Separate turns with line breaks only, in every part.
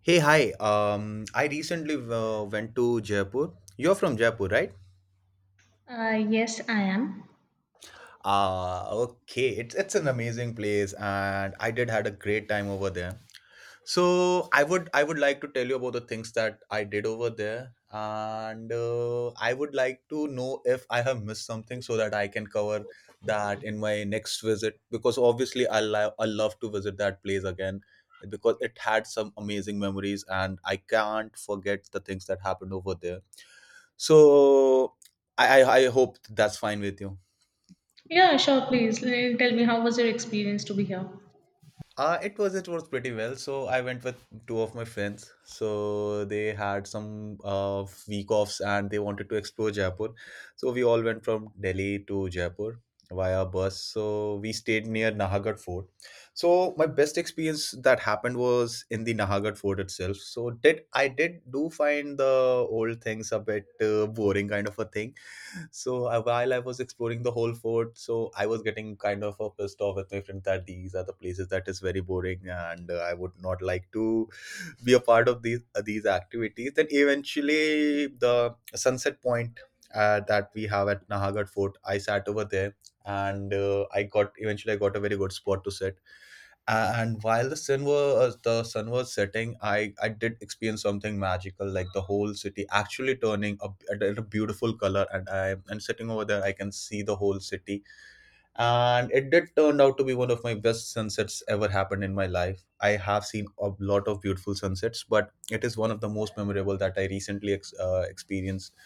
Hey, hi. I recently went to Jaipur. You're from Jaipur, right?
Yes, I am.
Ah, okay. It's an amazing place, and I did had a great time over there. So I would like to tell you about the things that I did over there, and I would like to know if I have missed something so that I can cover that in my next visit. Because obviously, I love to visit that place again because it had some amazing memories, and I can't forget the things that happened over there. So I hope that's fine with you.
Yeah, sure, please. Tell me, how was your experience to be here?
It was pretty well. So I went with two of my friends. So they had some week offs and they wanted to explore Jaipur. So we all went from Delhi to Jaipur via bus. So we stayed near Nahagarh Fort. So my best experience that happened was in the Nahagarh Fort itself. So did I did do find the old things a bit boring kind of a thing. So while I was exploring the whole fort, so I was getting kind of pissed off with my friend that these are the places that is very boring, and I would not like to be a part of these activities. Then eventually, the sunset point that we have at Nahagat Fort, I sat over there, and I got eventually I got a very good spot to sit, and while the sun was setting, I did experience something magical, like the whole city actually turning a beautiful color, and I and sitting over there I can see the whole city, and it did turned out to be one of my best sunsets ever happened in my life. I have seen a lot of beautiful sunsets, but it is one of the most memorable that I recently experienced,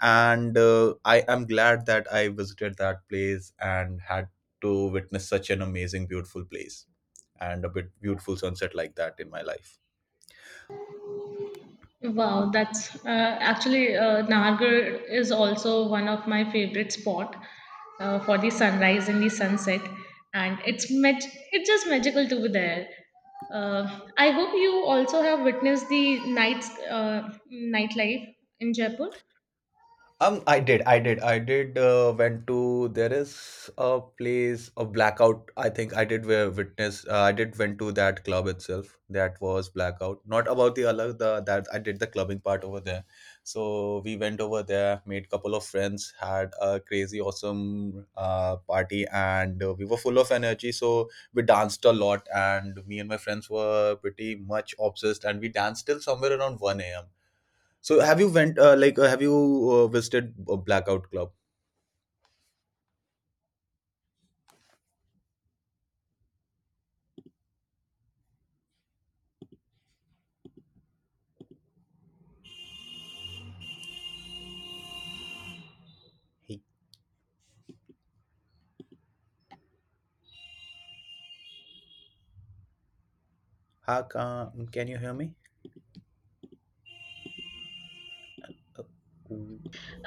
and I am glad that I visited that place and had to witness such an amazing beautiful place and a bit beautiful sunset like that in my life.
Wow, that's actually Nagar is also one of my favorite spot for the sunrise and the sunset, and it's just magical to be there. I hope you also have witnessed the nights nightlife in Jaipur.
I did, I did, I did. Went to there is a place, a blackout. I think I did witness. I did went to that club itself. That was blackout. Not about the other the that I did the clubbing part over there. So we went over there, made couple of friends, had a crazy awesome party, and we were full of energy. So we danced a lot, and me and my friends were pretty much obsessed, and we danced till somewhere around 1 a.m. So have you went have you visited a blackout club? Hey, how can you hear me? Uh,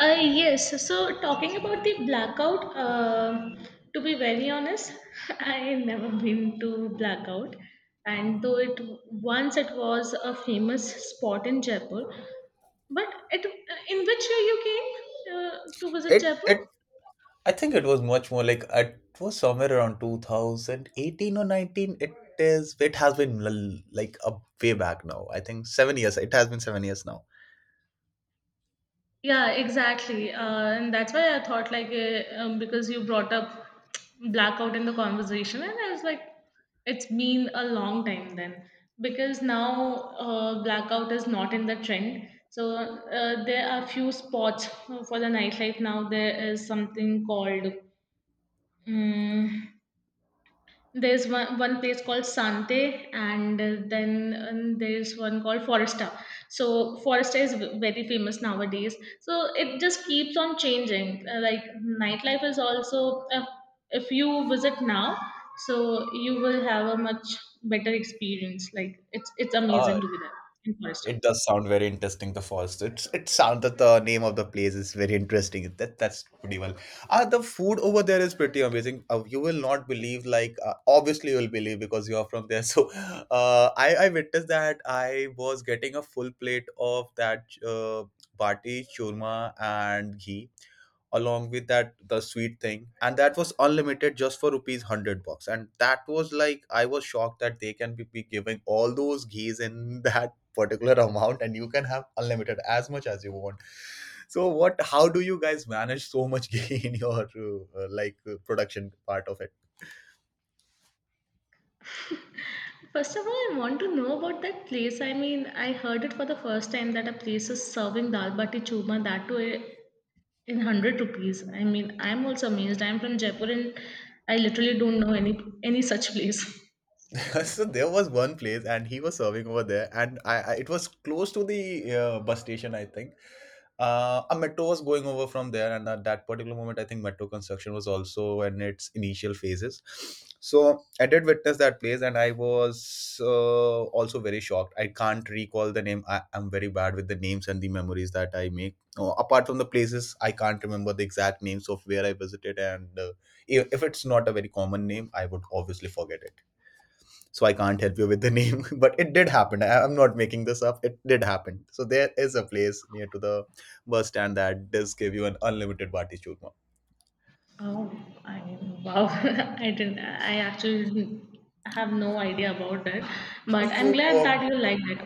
Yes, so talking about the blackout, to be very honest, I never been to blackout, and though it once it was a famous spot in Jaipur, but it in which year you came to visit
It
Jaipur?
it I think it was much more like it was somewhere around 2018 or 19. It has been like a way back now. I think 7 years. It has been 7 years now.
Yeah, exactly. And that's why I thought, like, because you brought up blackout in the conversation, and I was like, it's been a long time then. Because now blackout is not in the trend. So there are few spots for the nightlife now. There is something called. Mm, There's one place called Sante, and then there's one called Foresta. So Foresta is very famous nowadays. So it just keeps on changing. Like nightlife is also, if you visit now, so you will have a much better experience. Like it's amazing to be there in Foresta.
It does sound very interesting, the falls. It sounds that the name of the place is very interesting. That's pretty well. The food over there is pretty amazing. You will not believe like obviously you will believe because you are from there. So, I witnessed that I was getting a full plate of that bati churma and ghee, along with that the sweet thing, and that was unlimited just for rupees 100 bucks. And that was like I was shocked that they can be giving all those ghees in that particular amount, and you can have unlimited as much as you want. So what, how do you guys manage so much gain in your uh, production part of it?
First of all, I want to know about that place. I mean, I heard it for the first time that a place is serving dal bati churma that too, in 100 rupees. I mean, I'm also amazed. I'm from Jaipur, and I literally don't know any such place.
So there was one place and he was serving over there, and I it was close to the bus station, I think. A metro was going over from there, and at that particular moment, I think metro construction was also in its initial phases. So I did witness that place, and I was also very shocked. I can't recall the name. Am very bad with the names and the memories that I make. Apart from the places, I can't remember the exact names of where I visited, and if it's not a very common name, I would obviously forget it. So I can't help you with the name. But it did happen. I'm not making this up, it did happen. So there is a place near to the bus stand that does give you an unlimited bati churma.
Oh, I mean, wow! I didn't. I actually didn't have no idea about that.
So
But I'm
you,
glad that you liked it.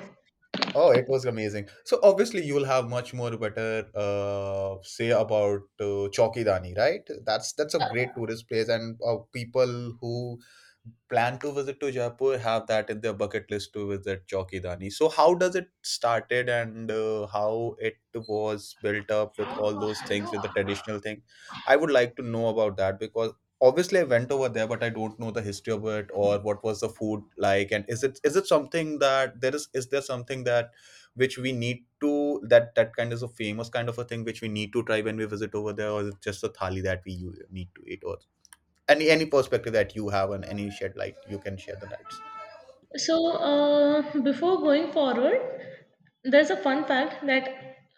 oh, it was amazing. So obviously you will have much more better say about Chowkidani, right? That's a great tourist place, and people who plan to visit to Jaipur have that in their bucket list to visit Chowkidani. So how does it started, and how it was built up with all those things with the traditional thing? I would like to know about that, because obviously I went over there, but I don't know the history of it, or what was the food like, and is it something that there is there something that which we need to, that that kind of a famous kind of a thing which we need to try when we visit over there, or is it just a thali that we need to eat, or any perspective that you have, and any shed light you can share the lights.
So, before going forward, there's a fun fact that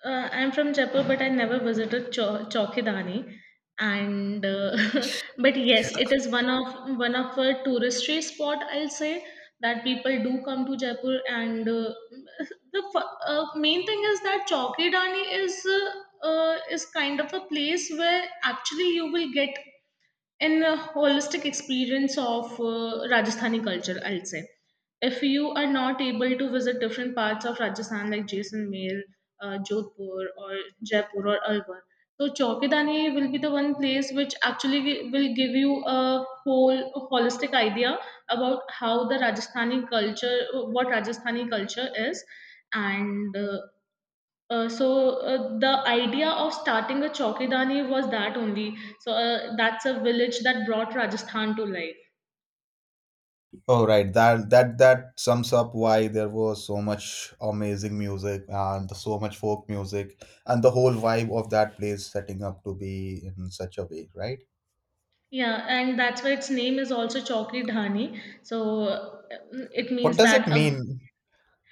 I'm from Jaipur, but I never visited Chowkidani. And but yes, it is one of a touristy spot. I'll say that people do come to Jaipur, and the main thing is that Chowkidani is kind of a place where actually you will get, and holistic experience of Rajasthani culture, I'll say. If you are not able to visit different parts of Rajasthan like Jaisalmer, Jodhpur or Jaipur or Alwar, so Chowkidani will be the one place which actually will give you a whole holistic idea about how the Rajasthani culture, what Rajasthani culture is. And so the idea of starting a chowkidani was that only. So that's a village that brought Rajasthan to life.
Oh right, that sums up why there was so much amazing music and so much folk music and the whole vibe of that place setting up to be in such a way, right?
Yeah, and that's why its name is also Chowki Dhani. So it
What
means
does it
that a
mean?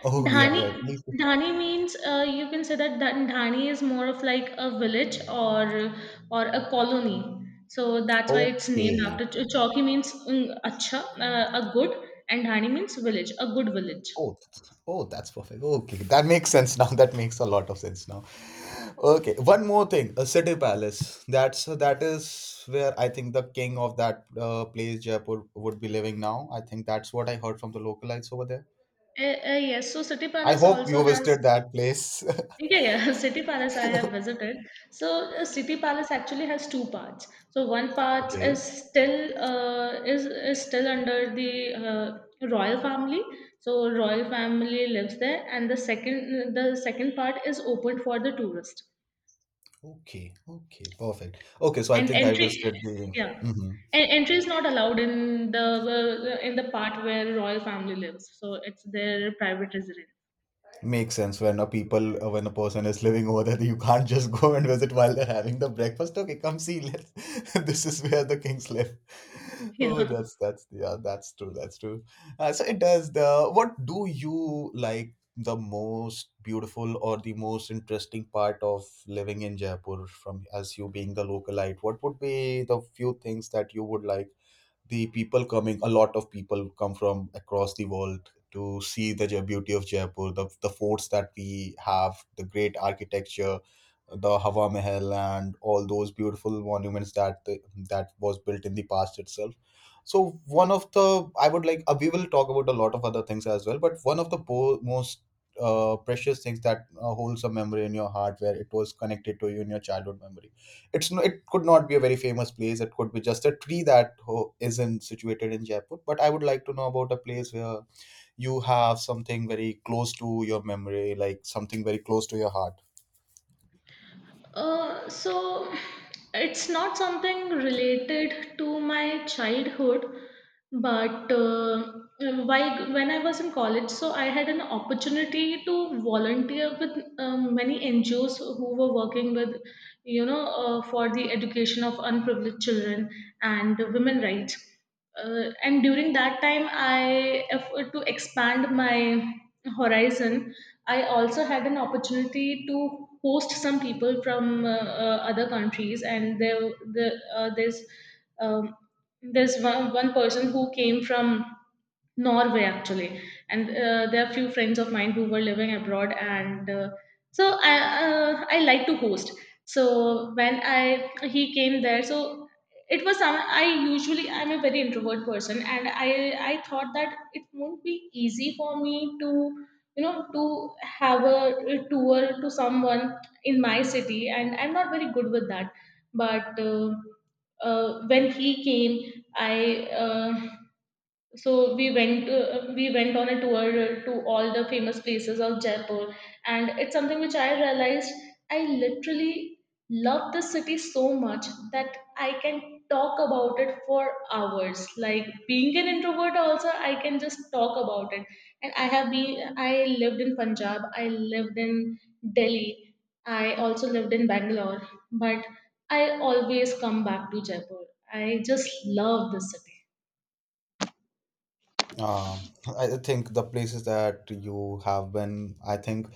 Oh, yeah, yeah,
Dhani
please.
Dhani means, you can say that that Dhani is more of like a village or a colony. So that's why it's named
Okay.
after Chowki means, acha, a good, and Dhani means village, a good village.
Oh, oh, that's perfect. Okay, that makes sense now. That makes a lot of sense now. Okay, one more thing. A city palace. That is where I think the king of that place, Jaipur, would be living now. I think that's what I heard from the localites over there.
Yes, so City
I
Palace
hope
also
you
has.
visited that place.
Yeah, yeah, City Palace I have visited. So City Palace actually has two parts. So one part
Okay.
is still, is still under the royal family. So royal family lives there, and the second part is open for the tourist.
Okay. Okay. Perfect. Okay. So I
And
think I
entry,
visited the.
yeah,
Mhm.
and entry is not allowed in the part where royal family lives. So it's their private residence.
Makes sense. When a people when a person is living over there, you can't just go and visit while they're having the breakfast. Okay, come see. Let's, this is where the kings live.
Yeah.
Oh, that's yeah, that's true. That's true. So it does. The what do you like, the most beautiful or the most interesting part of living in Jaipur from, as you being the localite? What would be the few things that you would like, the people coming, a lot of people come from across the world to see the beauty of Jaipur, the forts that we have, the great architecture, the Hawa Mahal, and all those beautiful monuments that that was built in the past itself. So one of the, I would like we will talk about a lot of other things as well, but one of the most precious things that holds a memory in your heart where it was connected to you in your childhood memory, it's no, it could not be a very famous place. It could be just a tree that isn't situated in Jaipur. But I would like to know about a place where you have something very close to your memory, like something very close to your heart.
So it's not something related to my childhood, but while when I was in college, so I had an opportunity to volunteer with many NGOs who were working with, for the education of unprivileged children and women rights. And during that time, I if, to expand my horizon, I also had an opportunity to host some people from other countries, and the uh, there's um, there's one person who came from Norway, actually, and there are few friends of mine who were living abroad, and so I like to host. So when I he came there, so it was some. I'm a very introvert person, and I thought that it won't be easy for me to have a tour to someone in my city, and I'm not very good with that, but. When he came, I so we went on a tour to all the famous places of Jaipur, and it's something which I realized, I literally love the city so much that I can talk about it for hours. Like being an introvert also, I can just talk about it. And I have been I lived in Punjab, I lived in Delhi, I also lived in Bangalore, but I always come back to Jaipur. I just love the city.
Um, I think the places that you have been, I think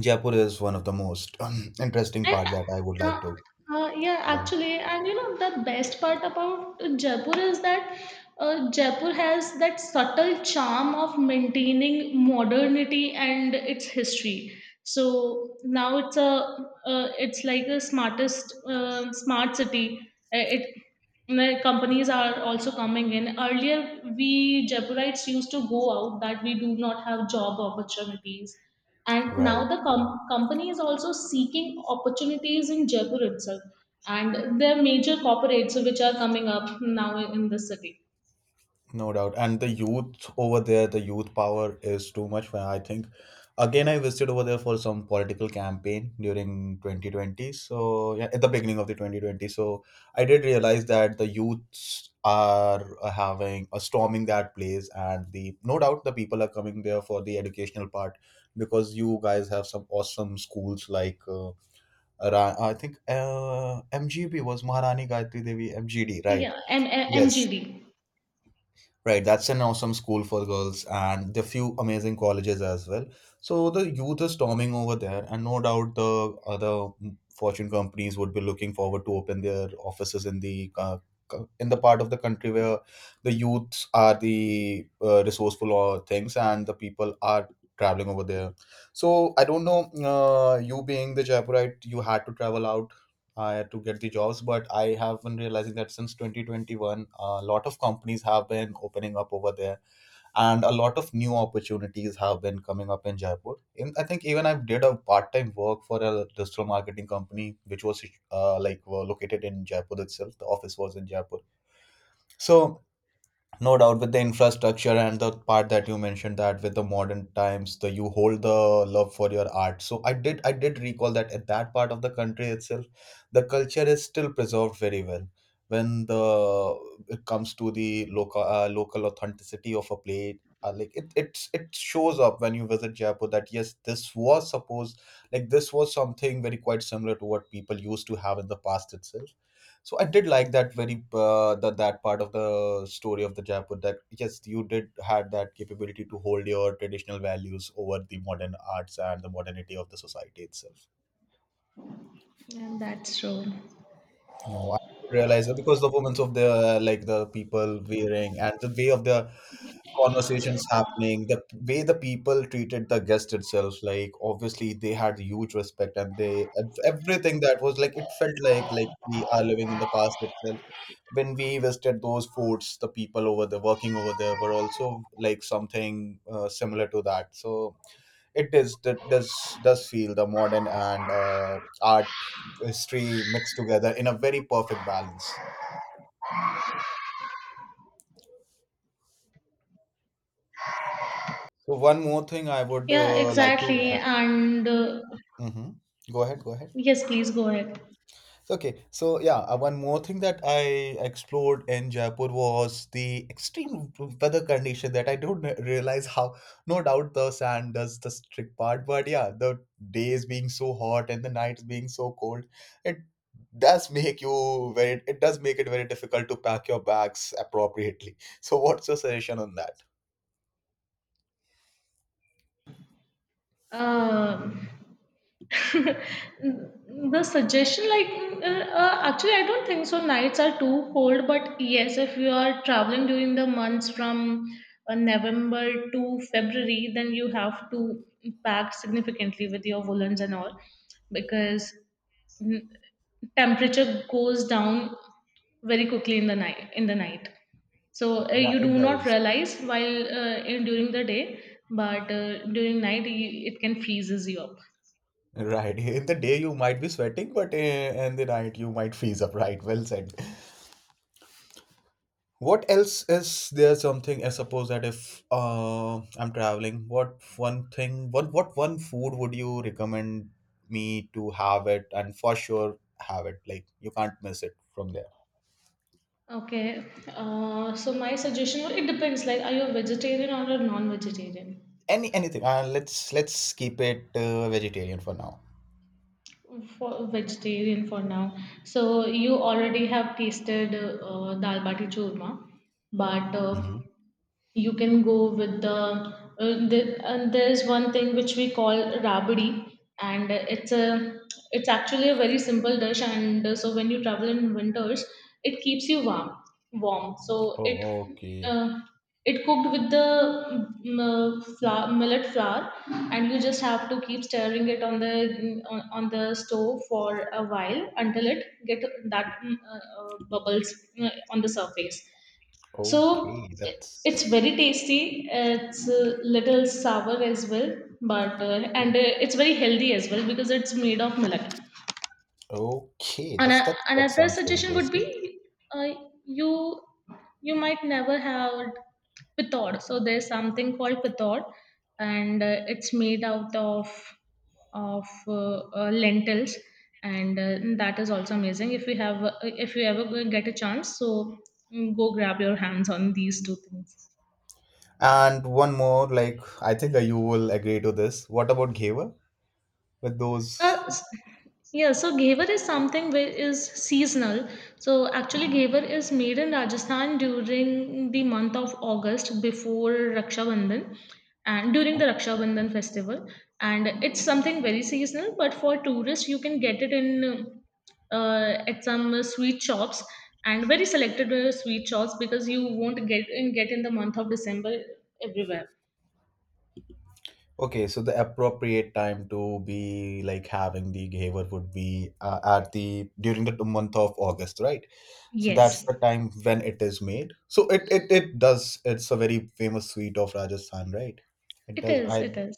Jaipur is one of the most interesting
And
part that I would like
uh,
to
yeah,
live.
actually, and you know the best part about Jaipur is that Jaipur has that subtle charm of maintaining modernity and its history. So now it's like the smartest, smart city. It The companies are also coming in. Earlier, we Jaipurites used to go out that we do not have job opportunities, and now
Right.
the company is also seeking opportunities in Jaipur itself, and there are major corporates which are coming up now in the city.
No doubt. And the youth over there, the youth power is too much. When I think, again, I visited over there for some political campaign during 2020. So, yeah, at the beginning of the 2020. So, I did realize that the youths are having a storming that place, and the no doubt the people are coming there for the educational part, because you guys have some awesome schools like I think MGB was Maharani Gayatri Devi MGD, right?
Yeah,
Yes,
MGD.
right, that's an awesome school for girls and the few amazing colleges as well. So the youth is storming over there, and no doubt the other Fortune companies would be looking forward to open their offices in the in the part of the country where the youths are the resourceful or things, and the people are traveling over there. So I don't know, you being the Jaipurite, you had to travel out to get the jobs. But I have been realizing that since 2021, a lot of companies have been opening up over there, and a lot of new opportunities have been coming up in Jaipur. In I think even I did a part-time work for a digital marketing company, which was like were located in Jaipur itself. The office was in Jaipur. So no doubt with the infrastructure and the part that you mentioned that with the modern times, the you hold the love for your art. So I did recall that at that part of the country itself, the culture is still preserved very well. When the it comes to the local local authenticity of a plate, like it shows up when you visit Jaipur that yes, this was supposed like this was something very quite similar to what people used to have in the past itself. So I did like that very that part of the story of the Jaipur that yes, you did had that capability to hold your traditional values over the modern arts and the modernity of the society itself.
Yeah, that's true.
No, I No. realized that because the women's of the like the people wearing and the way of the conversations happening, the way the people treated the guest itself, like obviously they had huge respect and they everything that was like it felt like we are living in the past itself. When we visited those forts the people over there working over there were also like something similar to that. So it is that does feel the modern and art history mixed together in a very perfect balance. So one more thing I would
Yeah,
like to
exactly,
add.
and
Mhm. Go ahead, go ahead.
yes, please go ahead.
Okay, so yeah, one more thing that I explored in Jaipur was the extreme weather condition that I don't realize how, no doubt the sand does the trick part, but yeah, the days being so hot and the nights being so cold, it does make you very, it does make it very difficult to pack your bags appropriately. So what's your suggestion on that?
Um, the suggestion, like, actually, I don't think so nights are too cold, but yes, if you are traveling during the months from November to February, then you have to pack significantly with your woolens and all, because mm, temperature goes down very quickly in the night. So
Yeah,
you
it
do not
does.
realize while, during the day, but during night, it can freezes you up.
Right. In the day you might be sweating, but in the night you might freeze up, right? Well said. What else is there? Something I suppose that if I'm traveling, what one food would you recommend me to have it and for sure have it like you can't miss it from there?
Okay. So my suggestion, well, it depends, like, are you a vegetarian or a non-vegetarian?
Any anything, let's keep it vegetarian for now.
For vegetarian for now. So you already have tasted dal bati churma, but
Hmm.
you can go with the, the, and there is one thing which we call rabdi, and it's actually a very simple dish. And so when you travel in winters, it keeps you warm. So
Oh, okay.
uh, it cooked with the, flour, millet flour, and you just have to keep stirring it on the stove for a while until it get that, bubbles on the surface. So
Okay,
it's
that's
very tasty. It's a little sour as well, but and it's very healthy as well because it's made of milk.
okay.
And
That's that that
another
sounds very
suggestion would
tasty.
be, uh, you you might never have pitod. So there's something called pitod, and it's made out of lentils, and that is also amazing. If you ever get a chance, so, go grab your hands on these two things.
And one more like, I think you will agree to this, what about ghewa with
Uh,
those?
s- yeah, so Ghevar is something which is seasonal. So actually, Ghevar is made in Rajasthan during the month of August, before Raksha Bandhan and during the Raksha Bandhan festival. And it's something very seasonal, but for tourists, you can get it, in at some sweet shops, and very selected sweet shops, because you won't get in the month of December everywhere.
Okay, so the appropriate time to be like having the gehavar would be at the during the month of August, right? So that's the
Yes,
time when it is made. So it does. It's a very famous sweet of Rajasthan, right? It
it
does.
is. It is.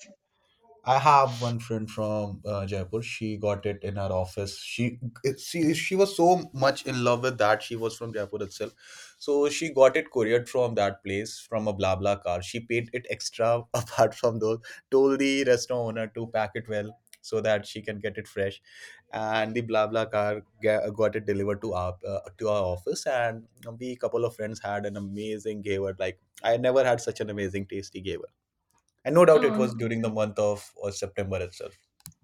I have one friend from Jaipur. She got it in her office. She was so much in love with that. She was from Jaipur itself, so she got it couriered from that place from a blah blah car. She paid it extra apart from those. Told the restaurant owner to pack it well so that she can get it fresh, and the blah blah car got it delivered to our office. And we couple of friends had an amazing gaver. Like I never had such an amazing tasty gaver, and no doubt it was
Um,
during the month of September itself.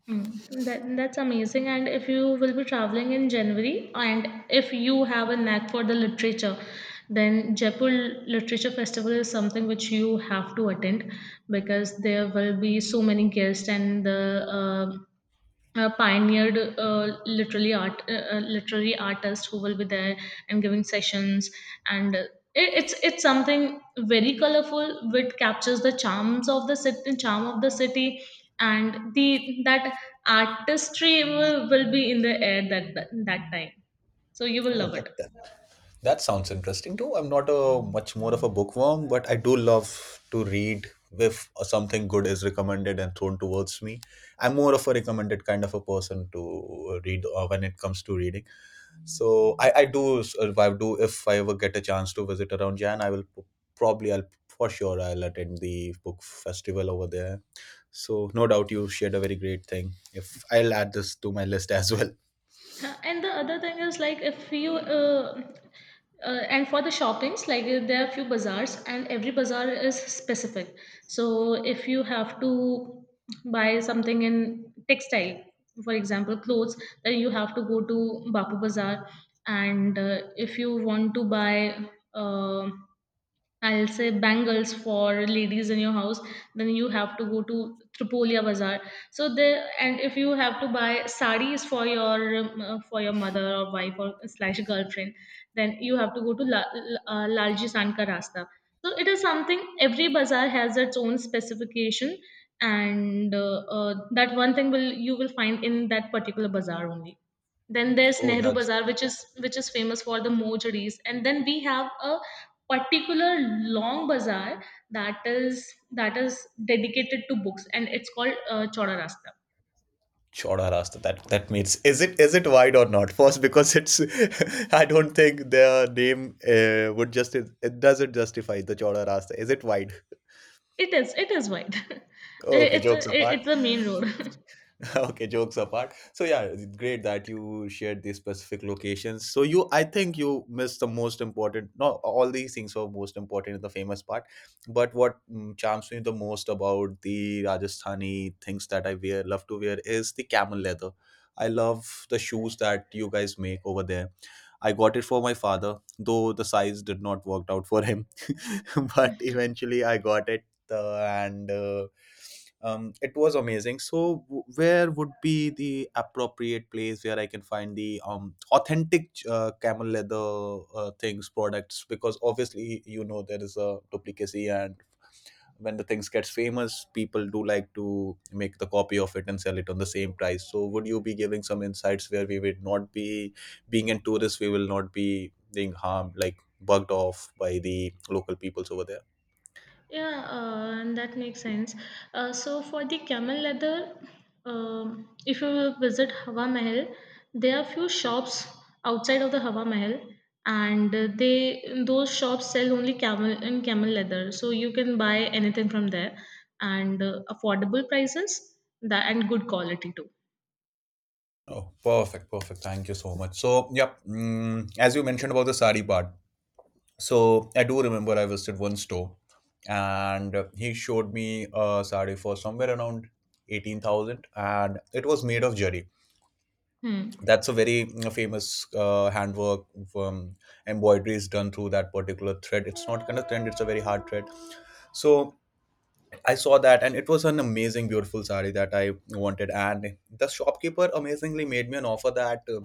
That's amazing. And if you will be traveling in January, and if you have a knack for the literature, then Jaipur Literature Festival is something which you have to attend, because there will be so many guests and the pioneered, literally art literary artists who will be there and giving sessions. And it's something very colorful which captures the charm of the city, and the that artistry will be in the air that time. So you will
Oh,
love
that,
it.
that that sounds interesting too. I'm not a much more of a bookworm, but I do love to read if something good is recommended and thrown towards me. I'm more of a recommended kind of a person to read when it comes to reading. So I do if I do if I ever get a chance to visit around Jan, I will p- probably I'll for sure I'll attend the book festival over there. So no doubt you shared a very great thing. If I'll add this to my list as well.
Huh. And the other thing is, like, if you and for the shoppings, like, there are few bazaars and every bazaar is specific. So if you have to buy something in textile, for example, clothes, then you have to go to Bapu Bazaar. And if you want to buy, um I'll say, bangles for ladies in your house, then you have to go to Tripolia Bazaar. So there, and if you have to buy sarees for your, mother or wife or slash girlfriend, then you have to go to Lalji San Ka Rasta. So it is something, every bazaar has its own specification, and that one thing will you will find in that particular bazaar only. Then there's
Oh,
Nehru
that's
Bazaar, which is famous for the mojaris, and then we have a particular long bazaar that is that is dedicated to books, and it's called Chowda Rasta.
Chauda Rasta. That that means is it, is it wide or not? First, because it's I don't think their name would just, it doesn't justify the Chauda Rasta. Is it wide?
It is, wide.
Okay,
it's
jokes
a
apart.
it's a main road.
Okay, jokes apart. So yeah, it's great that you shared these specific locations. So you, I think you missed the most important. No, all these things were most important in the famous part. But what, mm, charms me the most about the Rajasthani things that I wear love to wear is the camel leather. I love the shoes that you guys make over there. I got it for my father, though the size did not work out for him but eventually I got it, and it was amazing. So, where would be the appropriate place where I can find the authentic camel leather things products? Because obviously, you know, there is a duplicacy, and when the things gets famous, people do like to make the copy of it and sell it on the same price. So, would you be giving some insights where we would not be being in tourists, we will not be being harmed, like bugged off by the local peoples over there?
Yeah, and that makes sense. So for the camel leather, if you will visit Hawa Mahal, there are few shops outside of the Hawa Mahal, and they those shops sell only camel and camel leather. So you can buy anything from there, and affordable prices that and good quality too.
Oh, perfect, perfect. Thank you so much. So, yep, mm, as you mentioned about the sari part, so I do remember I visited one store and he showed me a sari for somewhere around 18,000 and it was made of jari.
Hmm.
That's a very mm, famous handwork, um, embroidery is done through that particular thread. It's not kind of thread, it's a very hard thread. So I saw that, and it was an amazing, beautiful saree that I wanted. And the shopkeeper amazingly made me an offer that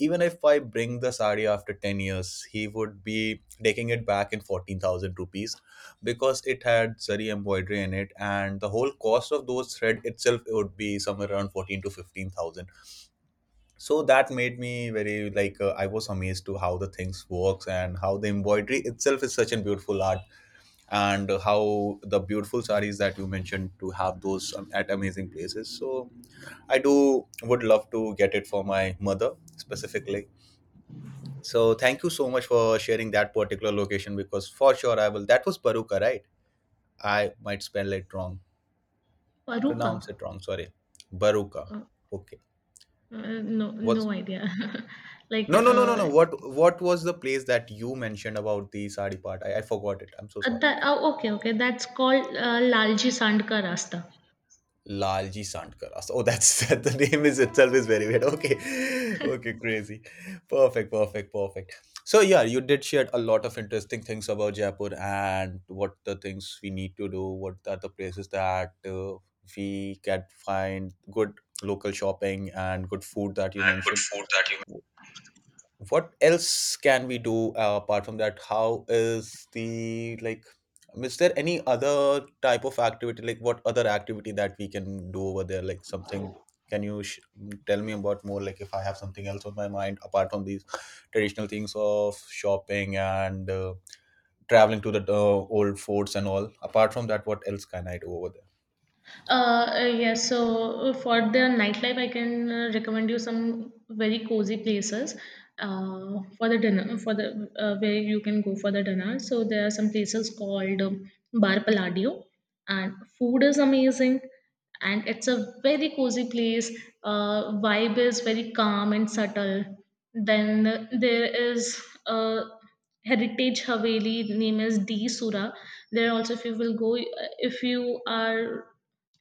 even if I bring the saree after 10 years, he would be taking it back in 14,000 rupees because it had zari embroidery in it, and the whole cost of those thread itself would be somewhere around 14 to 15,000. So that made me very like I was amazed to how the things works and how the embroidery itself is such a beautiful art, and how the beautiful saris that you mentioned to have those at amazing places. So I do would love to get it for my mother specifically. So thank you so much for sharing that particular location, because for sure I will. That was Baruka, right? I might spell it wrong,
Paruka.
pronounce it wrong, sorry. Baruka.
Uh,
Okay.
no,
What's
no idea. Like,
no, what what was the place that you mentioned about the sari part? I forgot it, I'm so sorry.
that. Oh, okay, okay. That's called Lalji Sand Ka Rasta.
Lalji Sandkar. Oh, that's that the name is itself is very weird. Okay, okay, crazy. Perfect, perfect, perfect. So yeah, you did share a lot of interesting things about Jaipur and what the things we need to do. What are the places that we can find good local shopping and good food that you
And good
mentioned,
food that you.
what else can we do apart from that? How is the like, is there any other type of activity, like what other activity that we can do over there, like something, can you sh- tell me about more. Like if I have something else on my mind apart from these traditional things of shopping and traveling to the old forts and all. Apart from that, what else can I do over there?
Yes, so for the nightlife, I can recommend you some very cozy places, for the dinner, for the where you can go for the dinner. So there are some places called, Bar Palladio, and food is amazing, and it's a very cozy place. Vibe is very calm and subtle. Then there is a heritage Haveli, name is D Sura. There also, if you will go, if you are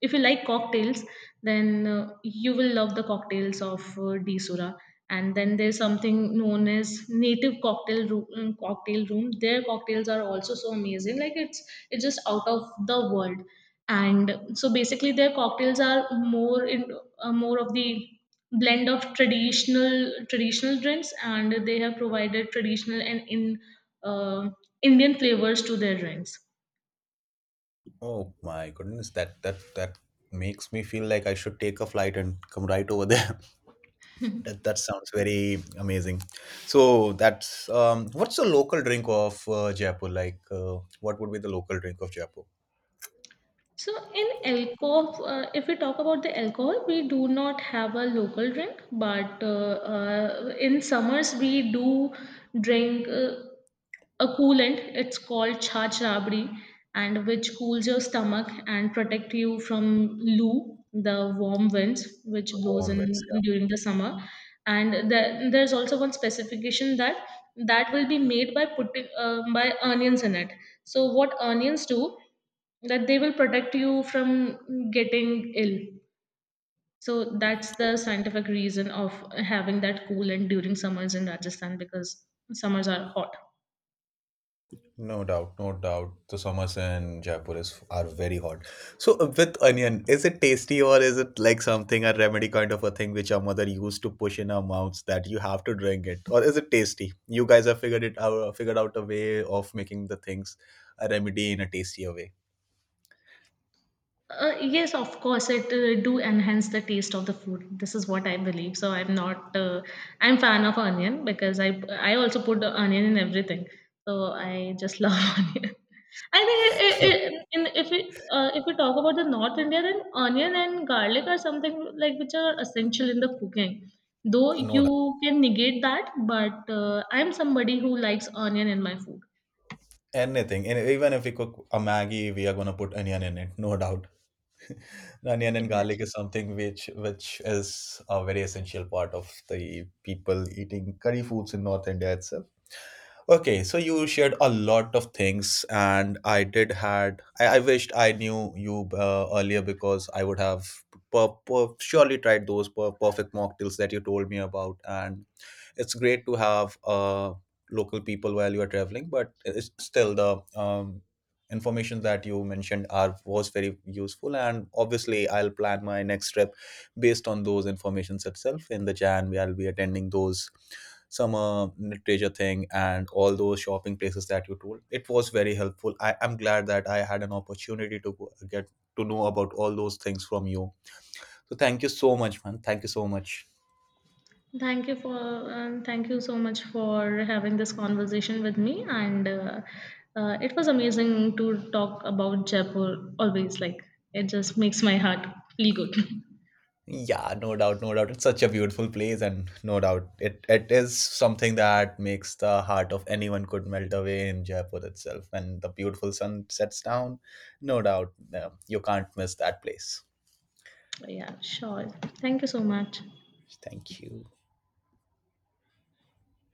if you like cocktails, then you will love the cocktails of Desura. And then there's something known as native cocktail room. Their cocktails are also so amazing. Like it's just out of the world. And so basically, their cocktails are more of the blend of traditional drinks, and they have provided traditional and in uh, Indian flavors to their drinks.
Oh my goodness, that that makes me feel like I should take a flight and come right over there. That that sounds very amazing. So that's what's the local drink of Jaipur? Like, what would be the local drink of Jaipur?
So in alcohol, if we talk about the alcohol, we do not have a local drink, but in summers we do drink a coolant. It's called chach rabri, and which cools your stomach and protect you from loo, the warm winds which blows
Warm
in
winds, yeah.
during the summer. And there's also one specification that will be made by putting by onions in it. So what onions do? That they will protect you from getting ill. So that's the scientific reason of having that coolant during summers in Rajasthan, because summers are hot.
No doubt, no doubt. The summers in Jaipur is are very hot. So with onion, is it tasty or is it like something a remedy kind of a thing which our mother used to push in our mouths that you have to drink it, or is it tasty? You guys have figured it out, figured out a way of making the things a remedy in a tastier way.
Yes, of course, it do enhance the taste of the food. This is what I believe. So I'm not, I'm fan of onion, because I also put the onion in everything. So I just love onion. I think, if we talk about the North India, then onion and garlic are something like which are essential in the cooking. Though
No doubt.
you can negate that, but I'm somebody who likes onion in my food.
Anything, and even if we cook a Maggie, we are gonna put onion in it. No doubt. The onion and garlic
Exactly.
is something which is a very essential part of the people eating curry foods in North India itself. Okay, so you shared a lot of things, and I wished I knew you earlier because I would have surely tried those perfect mocktails that you told me about, and it's great to have local people while you are traveling. But it's still the information that you mentioned are was very useful, and obviously I'll plan my next trip based on those informations itself. In the Jan, I'll be attending those some literature thing, and all those shopping places that you told, it was very helpful. I am glad that I had an opportunity to go, get to know about all those things from you. So thank you so much, man, thank you so much.
Thank you for and thank you so much for having this conversation with me. And it was amazing to talk about Jaipur. Always like it just makes my heart feel good.
Yeah, no doubt, no doubt, it's such a beautiful place, and no doubt it it is something that makes the heart of anyone could melt away in Jaipur itself when the beautiful sun sets down. No doubt you can't miss that place.
Yeah, sure. Thank you so much.
Thank you.